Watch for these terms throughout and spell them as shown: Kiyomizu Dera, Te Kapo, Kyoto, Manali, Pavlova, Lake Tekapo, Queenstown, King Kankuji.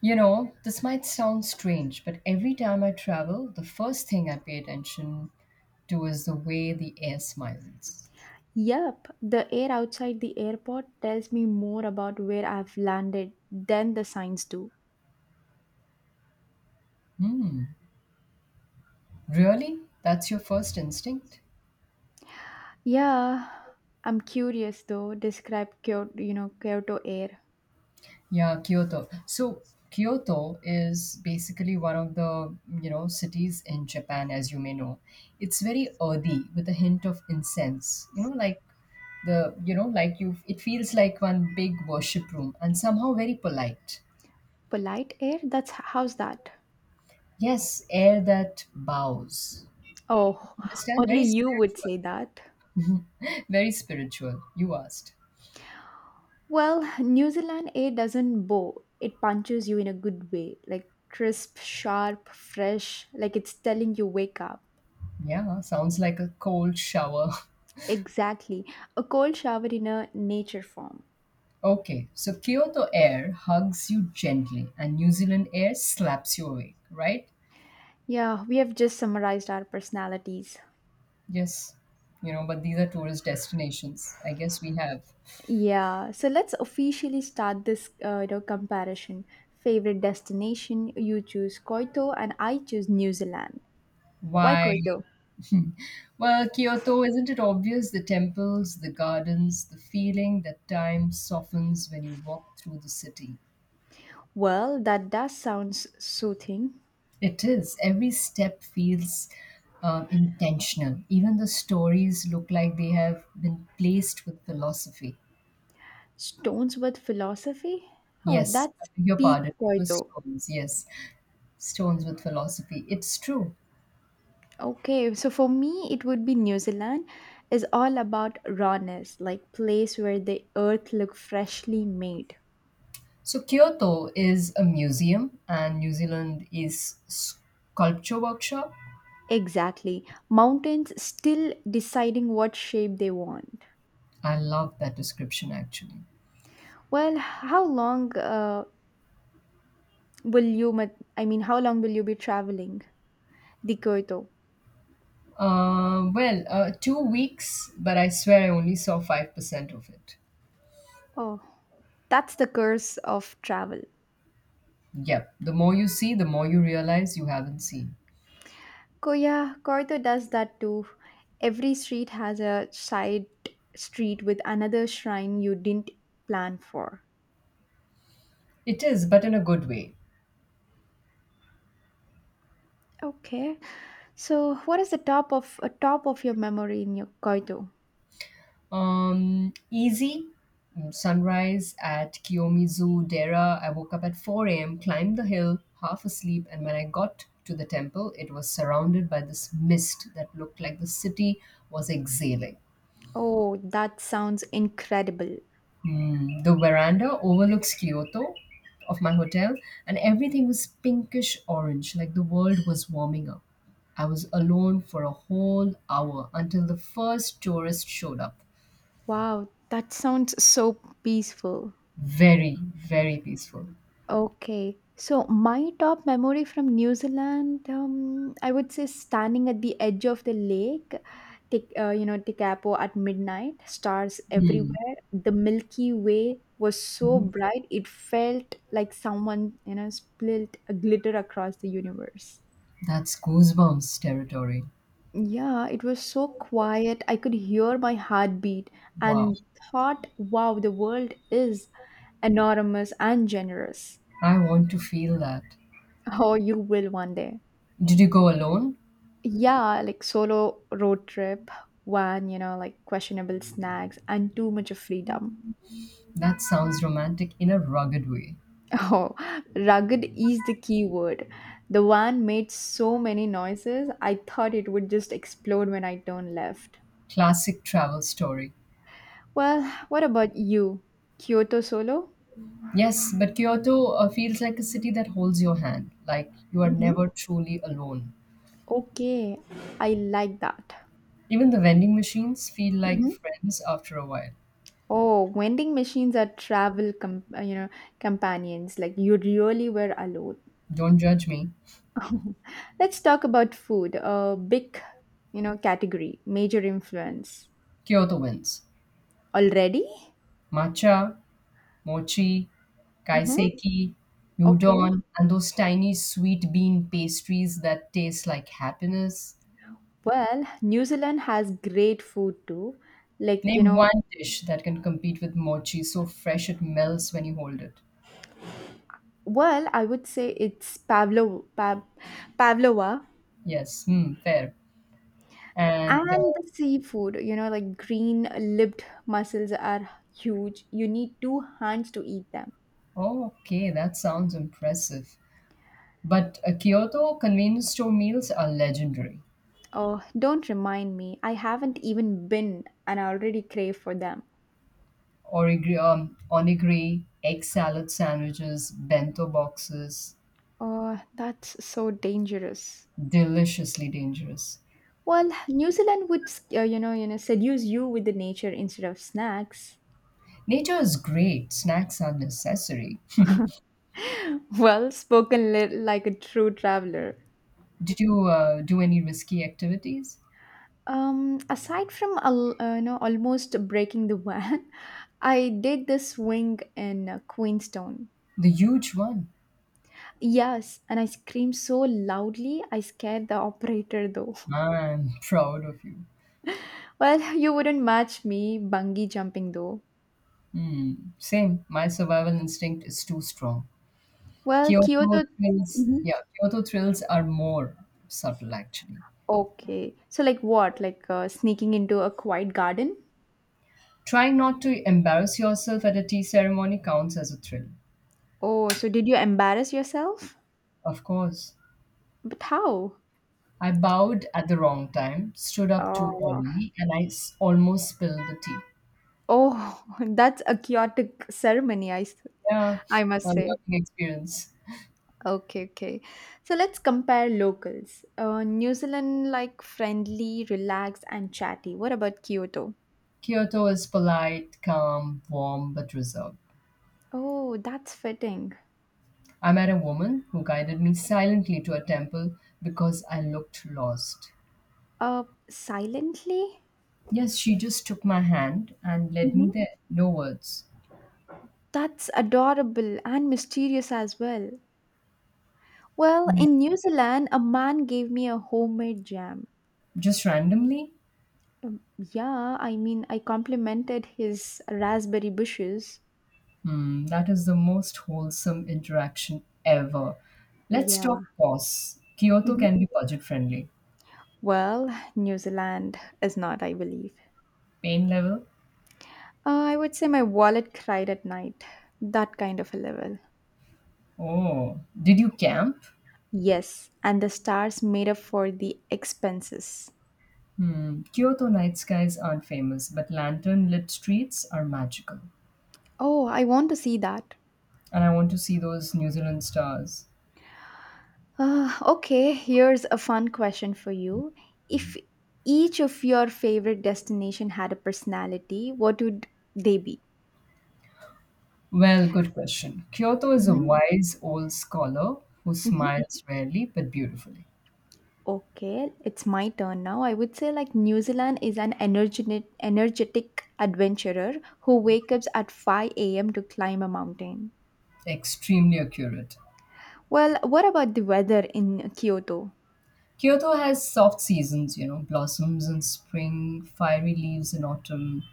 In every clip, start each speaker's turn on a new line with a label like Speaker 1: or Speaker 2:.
Speaker 1: You know, this might sound strange, but every time I travel, the first thing I pay attention to is the way the air smiles.
Speaker 2: Yep, the air outside the airport tells me more about where I've landed than the signs do.
Speaker 1: Hmm, really? That's your first instinct?
Speaker 2: Yeah, I'm curious though. Describe Kyoto, Kyoto air.
Speaker 1: Yeah, Kyoto. So, Kyoto is basically one of the, cities in Japan as you may know. It's very earthy with a hint of incense. You know, like the, you know, like you it feels like one big worship room and somehow very polite.
Speaker 2: Polite air? That's how's that?
Speaker 1: Yes, air that bows.
Speaker 2: Oh,
Speaker 1: Understand.
Speaker 2: only
Speaker 1: Very
Speaker 2: you would
Speaker 1: spiritual.
Speaker 2: say that.
Speaker 1: Very spiritual. You asked.
Speaker 2: Well, New Zealand air doesn't bow. It punches you in a good way, like crisp, sharp, fresh, like it's telling you wake up.
Speaker 1: Yeah, sounds like a cold shower.
Speaker 2: Exactly. A cold shower in a nature form.
Speaker 1: Okay, so Kyoto Air hugs you gently and New Zealand Air slaps you awake, right?
Speaker 2: Yeah, we have just summarized our personalities.
Speaker 1: Yes, but these are tourist destinations. I guess we have.
Speaker 2: Yeah, so let's officially start this comparison. Favorite destination, you choose Koito and I choose New Zealand. Why
Speaker 1: Why?
Speaker 2: Koito?
Speaker 1: Well, Kyoto, isn't it obvious? The temples, the gardens, the feeling that time softens when you walk through the city.
Speaker 2: Well, that does sounds soothing.
Speaker 1: It is. Every step feels intentional. Even the stories look like they have been placed with philosophy.
Speaker 2: Stones with philosophy? Oh,
Speaker 1: Yes, I
Speaker 2: that's
Speaker 1: beg your
Speaker 2: peak
Speaker 1: pardon. It was
Speaker 2: Koito.
Speaker 1: stones. Yes, stones with philosophy. It's true.
Speaker 2: Okay, so for me, it would be New Zealand is all about rawness, like place where the earth look freshly made.
Speaker 1: So Kyoto is a museum, and New Zealand is sculpture workshop.
Speaker 2: Exactly. Mountains still deciding what shape they want.
Speaker 1: I love that description actually.
Speaker 2: Well, how long will you, I mean, how long will you be traveling? Di Kyoto.
Speaker 1: 2 weeks, but I swear I only saw 5% of it.
Speaker 2: Oh, that's the curse of travel.
Speaker 1: Yep. The more you see, the more you realize you haven't seen.
Speaker 2: Yeah, Kyoto does that too. Every street has a side street with another shrine you didn't plan for.
Speaker 1: It is, but in a good way.
Speaker 2: Okay. So, what is the top of your memory in your Kyoto?
Speaker 1: Easy. Sunrise at Kiyomizu Dera. I woke up at 4 a.m., climbed the hill, half asleep, and when I got to the temple, it was surrounded by this mist that looked like the city was exhaling.
Speaker 2: Oh, that sounds incredible.
Speaker 1: Mm, the veranda overlooks Kyoto of my hotel, and everything was pinkish orange, like the world was warming up. I was alone for a whole hour until the first tourist showed up.
Speaker 2: Wow, that sounds so peaceful.
Speaker 1: Very, very peaceful.
Speaker 2: Okay. So, my top memory from New Zealand, I would say standing at the edge of the lake, Te Kapo at midnight, stars
Speaker 1: Mm.
Speaker 2: everywhere. The Milky Way was so
Speaker 1: Mhm.
Speaker 2: bright, it felt like someone, spilled a glitter across the universe.
Speaker 1: That's goosebumps territory.
Speaker 2: Yeah, it was so quiet. I could hear my heartbeat
Speaker 1: Wow.
Speaker 2: and thought, wow, the world is enormous and generous.
Speaker 1: I want to feel that.
Speaker 2: Oh, you will one day.
Speaker 1: Did you go alone?
Speaker 2: Yeah, like solo road trip, one, like questionable snacks and too much of freedom.
Speaker 1: That sounds romantic in a rugged way.
Speaker 2: Oh, rugged is the key word. The van made so many noises, I thought it would just explode when I turned left.
Speaker 1: Classic travel story.
Speaker 2: Well, what about you? Kyoto solo?
Speaker 1: Yes, but Kyoto feels like a city that holds your hand, like you are
Speaker 2: Mhm.
Speaker 1: never truly alone.
Speaker 2: Okay, I like that.
Speaker 1: Even the vending machines feel like
Speaker 2: Mhm.
Speaker 1: friends after a while.
Speaker 2: Oh, vending machines are travel companions. Like you really were alone.
Speaker 1: Don't judge me.
Speaker 2: Let's talk about food. A big, category, major influence
Speaker 1: Kyoto wins.
Speaker 2: already.
Speaker 1: Matcha, mochi,
Speaker 2: Mm-hmm.
Speaker 1: kaiseki,
Speaker 2: Okay.
Speaker 1: udon, and those tiny sweet bean pastries that taste like happiness.
Speaker 2: Well, New Zealand has great food too. Like
Speaker 1: Name one dish that can compete with mochi so fresh it melts when you hold it.
Speaker 2: well, I would say it's Pavlova.
Speaker 1: Yes, hmm, fair. And
Speaker 2: And the seafood, like green lipped mussels are huge. You need two hands to eat them.
Speaker 1: oh, okay, that sounds impressive. But Kyoto convenience store meals are legendary.
Speaker 2: Oh, don't remind me. I haven't even been and I already crave for them.
Speaker 1: Onigiri, egg salad sandwiches, bento boxes,
Speaker 2: Oh, that's so dangerous.
Speaker 1: deliciously dangerous.
Speaker 2: Well, New Zealand would, seduce you with the nature instead of snacks.
Speaker 1: Nature is great, snacks are necessary.
Speaker 2: Well spoken, like a true traveler.
Speaker 1: Did you do any risky activities?
Speaker 2: Aside from almost breaking the van, I did this swing in Queenstown.
Speaker 1: The huge one.
Speaker 2: Yes, and I screamed so loudly I scared the operator though.
Speaker 1: I'm proud of you.
Speaker 2: Well, you wouldn't match me bungee jumping though.
Speaker 1: Hmm. Same. My survival instinct is too strong.
Speaker 2: Well, Kyoto. Mhm.
Speaker 1: Kyoto thrills are more subtle actually.
Speaker 2: Okay. So, like what? Like sneaking into a quiet garden?
Speaker 1: Trying not to embarrass yourself at a tea ceremony counts as a thrill.
Speaker 2: Oh, so did you embarrass yourself?
Speaker 1: Of course.
Speaker 2: But how?
Speaker 1: I bowed at the wrong time, stood up too
Speaker 2: Oh,
Speaker 1: early, and almost spilled the tea.
Speaker 2: oh, that's a chaotic ceremony,
Speaker 1: Yeah,
Speaker 2: I
Speaker 1: a
Speaker 2: must
Speaker 1: learning
Speaker 2: say.
Speaker 1: experience.
Speaker 2: Okay, okay. So let's compare locals. New Zealand, like friendly, relaxed, and chatty. What about Kyoto?
Speaker 1: Kyoto is polite, calm, warm, but reserved.
Speaker 2: Oh, that's fitting.
Speaker 1: I met a woman who guided me silently to a temple because I looked lost.
Speaker 2: Uh, Silently?
Speaker 1: Yes, she just took my hand and led me
Speaker 2: Hmm.
Speaker 1: there. No words.
Speaker 2: That's adorable and mysterious as well. Well,
Speaker 1: No.
Speaker 2: in New Zealand, a man gave me a homemade jam.
Speaker 1: Just randomly?
Speaker 2: Yeah, I mean, I complimented his raspberry bushes.
Speaker 1: Hmm, that is the most wholesome interaction ever. Let's
Speaker 2: Yeah.
Speaker 1: talk costs. Kyoto
Speaker 2: Mhm.
Speaker 1: can be budget friendly.
Speaker 2: Well, New Zealand is not, I believe.
Speaker 1: Pain level?
Speaker 2: I would say my wallet cried at night. That kind of a level.
Speaker 1: Oh, did you camp?
Speaker 2: Yes, and the stars made up for the expenses.
Speaker 1: Hmm, Kyoto night skies aren't famous, but lantern lit streets are magical.
Speaker 2: Oh, I want to see that.
Speaker 1: And I want to see those New Zealand stars.
Speaker 2: Okay, here's a fun question for you. If each of your favorite destination had a personality, what would they be?
Speaker 1: Well, good question. Kyoto is a
Speaker 2: Hmm.
Speaker 1: wise old scholar who
Speaker 2: Hmm.
Speaker 1: smiles rarely but beautifully,
Speaker 2: Okay, it's my turn now. I would say like New Zealand is an energetic adventurer who wakes up at 5 a.m. to climb a mountain.
Speaker 1: extremely accurate.
Speaker 2: Well, what about the weather in Kyoto?
Speaker 1: Kyoto has soft seasons, you know, blossoms in spring, fiery leaves in autumn.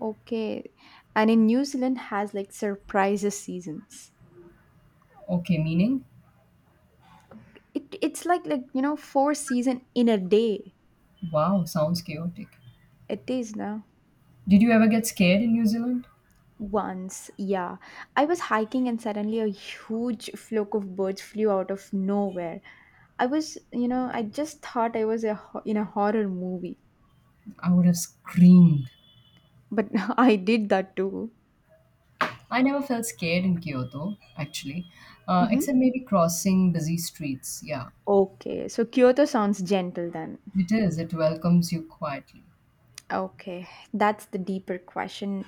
Speaker 2: Okay, and in New Zealand has like surprises seasons.
Speaker 1: Okay, meaning?
Speaker 2: It's like four season in a day.
Speaker 1: Wow, sounds chaotic.
Speaker 2: It is now.
Speaker 1: Did you ever get scared in New Zealand?
Speaker 2: Once, yeah. I was hiking and suddenly a huge flock of birds flew out of nowhere. I just thought I was a, ho- in a horror movie,
Speaker 1: I would have screamed.
Speaker 2: but I did that too.
Speaker 1: I never felt scared in Kyoto, actually,
Speaker 2: Hmm.
Speaker 1: except maybe crossing busy streets. Yeah,
Speaker 2: Okay, so Kyoto sounds gentle then.
Speaker 1: it is. It welcomes you quietly.
Speaker 2: Okay, that's the deeper question.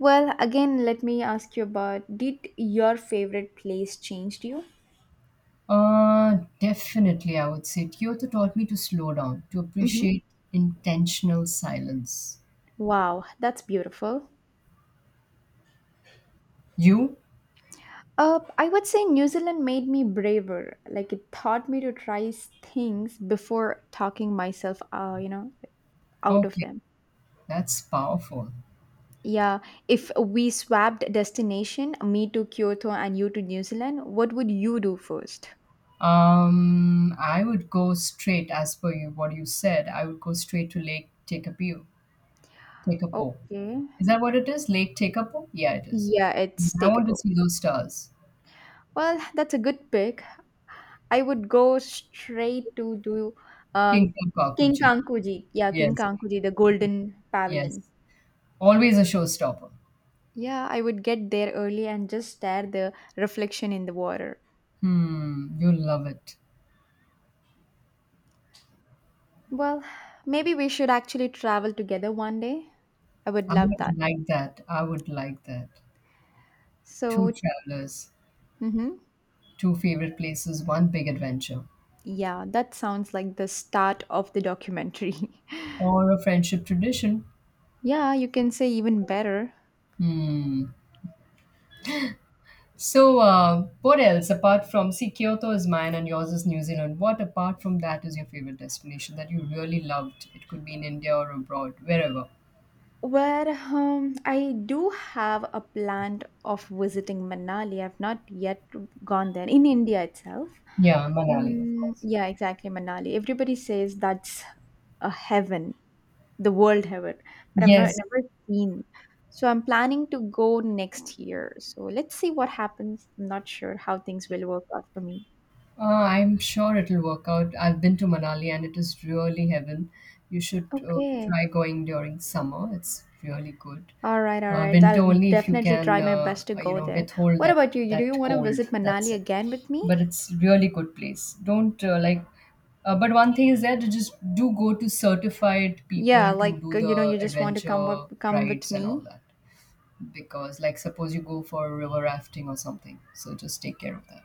Speaker 2: Well, again, let me ask you about did your favorite place change you?
Speaker 1: Definitely, I would say Kyoto taught me to slow down, to
Speaker 2: Hmm.
Speaker 1: appreciate intentional silence.
Speaker 2: Wow, that's beautiful.
Speaker 1: You?
Speaker 2: I would say New Zealand made me braver. Like it taught me to try things before talking myself, out of
Speaker 1: Okay,
Speaker 2: them.
Speaker 1: that's powerful.
Speaker 2: Yeah, if we swapped destination, me to Kyoto and you to New Zealand, what would you do first?
Speaker 1: I would go straight, as per you, what you said, I would go straight to Lake Tekapo. Tekapo.
Speaker 2: Okay.
Speaker 1: Is that what it is? Lake Tekapo? Yeah, it is.
Speaker 2: Yeah, it's
Speaker 1: I want to
Speaker 2: takeable.
Speaker 1: see those stars.
Speaker 2: Well, that's a good pick. I would go straight to do uh,
Speaker 1: King
Speaker 2: King
Speaker 1: Kakuji.
Speaker 2: Kankuji. Yeah, King
Speaker 1: Yes,
Speaker 2: Kankuji, the Golden
Speaker 1: yes.
Speaker 2: Pavilion.
Speaker 1: Always a showstopper.
Speaker 2: Yeah, I would get there early and just stare the reflection in the water.
Speaker 1: Hmm, you love it.
Speaker 2: Well, maybe we should actually travel together one day. I would
Speaker 1: I
Speaker 2: love
Speaker 1: would
Speaker 2: that.
Speaker 1: like that. I would like that. Two
Speaker 2: So,
Speaker 1: travelers,
Speaker 2: mhm.
Speaker 1: two favorite places, one big adventure,
Speaker 2: Yeah, that sounds like the start of the documentary.
Speaker 1: or a friendship tradition.
Speaker 2: Yeah, you can say even better.
Speaker 1: Hmm. So, what else apart from see Kyoto is mine and yours is New Zealand? What apart from that is your favorite destination that you really loved? It could be in India or abroad, wherever.
Speaker 2: Well, I do have a plan of visiting Manali. I've not yet gone there in India itself.
Speaker 1: Yeah, Manali, of
Speaker 2: Mm,
Speaker 1: course.
Speaker 2: yeah, exactly, Manali. Everybody says that's a heaven. The world have it, but I've not
Speaker 1: Yes,
Speaker 2: never seen. So I'm planning to go next year, so let's see what happens. I'm not sure how things will work out for me.
Speaker 1: I'm sure it'll work out. I've been to Manali and it is really heaven. You should
Speaker 2: Okay,
Speaker 1: try going during summer. It's really good.
Speaker 2: all right, all right,
Speaker 1: Winter
Speaker 2: I'll
Speaker 1: only if you
Speaker 2: definitely
Speaker 1: can,
Speaker 2: try my best to go there.
Speaker 1: withhold
Speaker 2: What
Speaker 1: that
Speaker 2: about you? Do you
Speaker 1: that
Speaker 2: want to
Speaker 1: cold.
Speaker 2: visit
Speaker 1: That's
Speaker 2: Manali
Speaker 1: it.
Speaker 2: again with
Speaker 1: But
Speaker 2: me?
Speaker 1: it's really good place. Don't like. But one thing is that you just do go to certified
Speaker 2: Yeah,
Speaker 1: people to
Speaker 2: like
Speaker 1: do the
Speaker 2: you just want to come
Speaker 1: adventure
Speaker 2: up come with
Speaker 1: rides and all
Speaker 2: me.
Speaker 1: that. Because like suppose you go for river rafting or something, so just take care of that.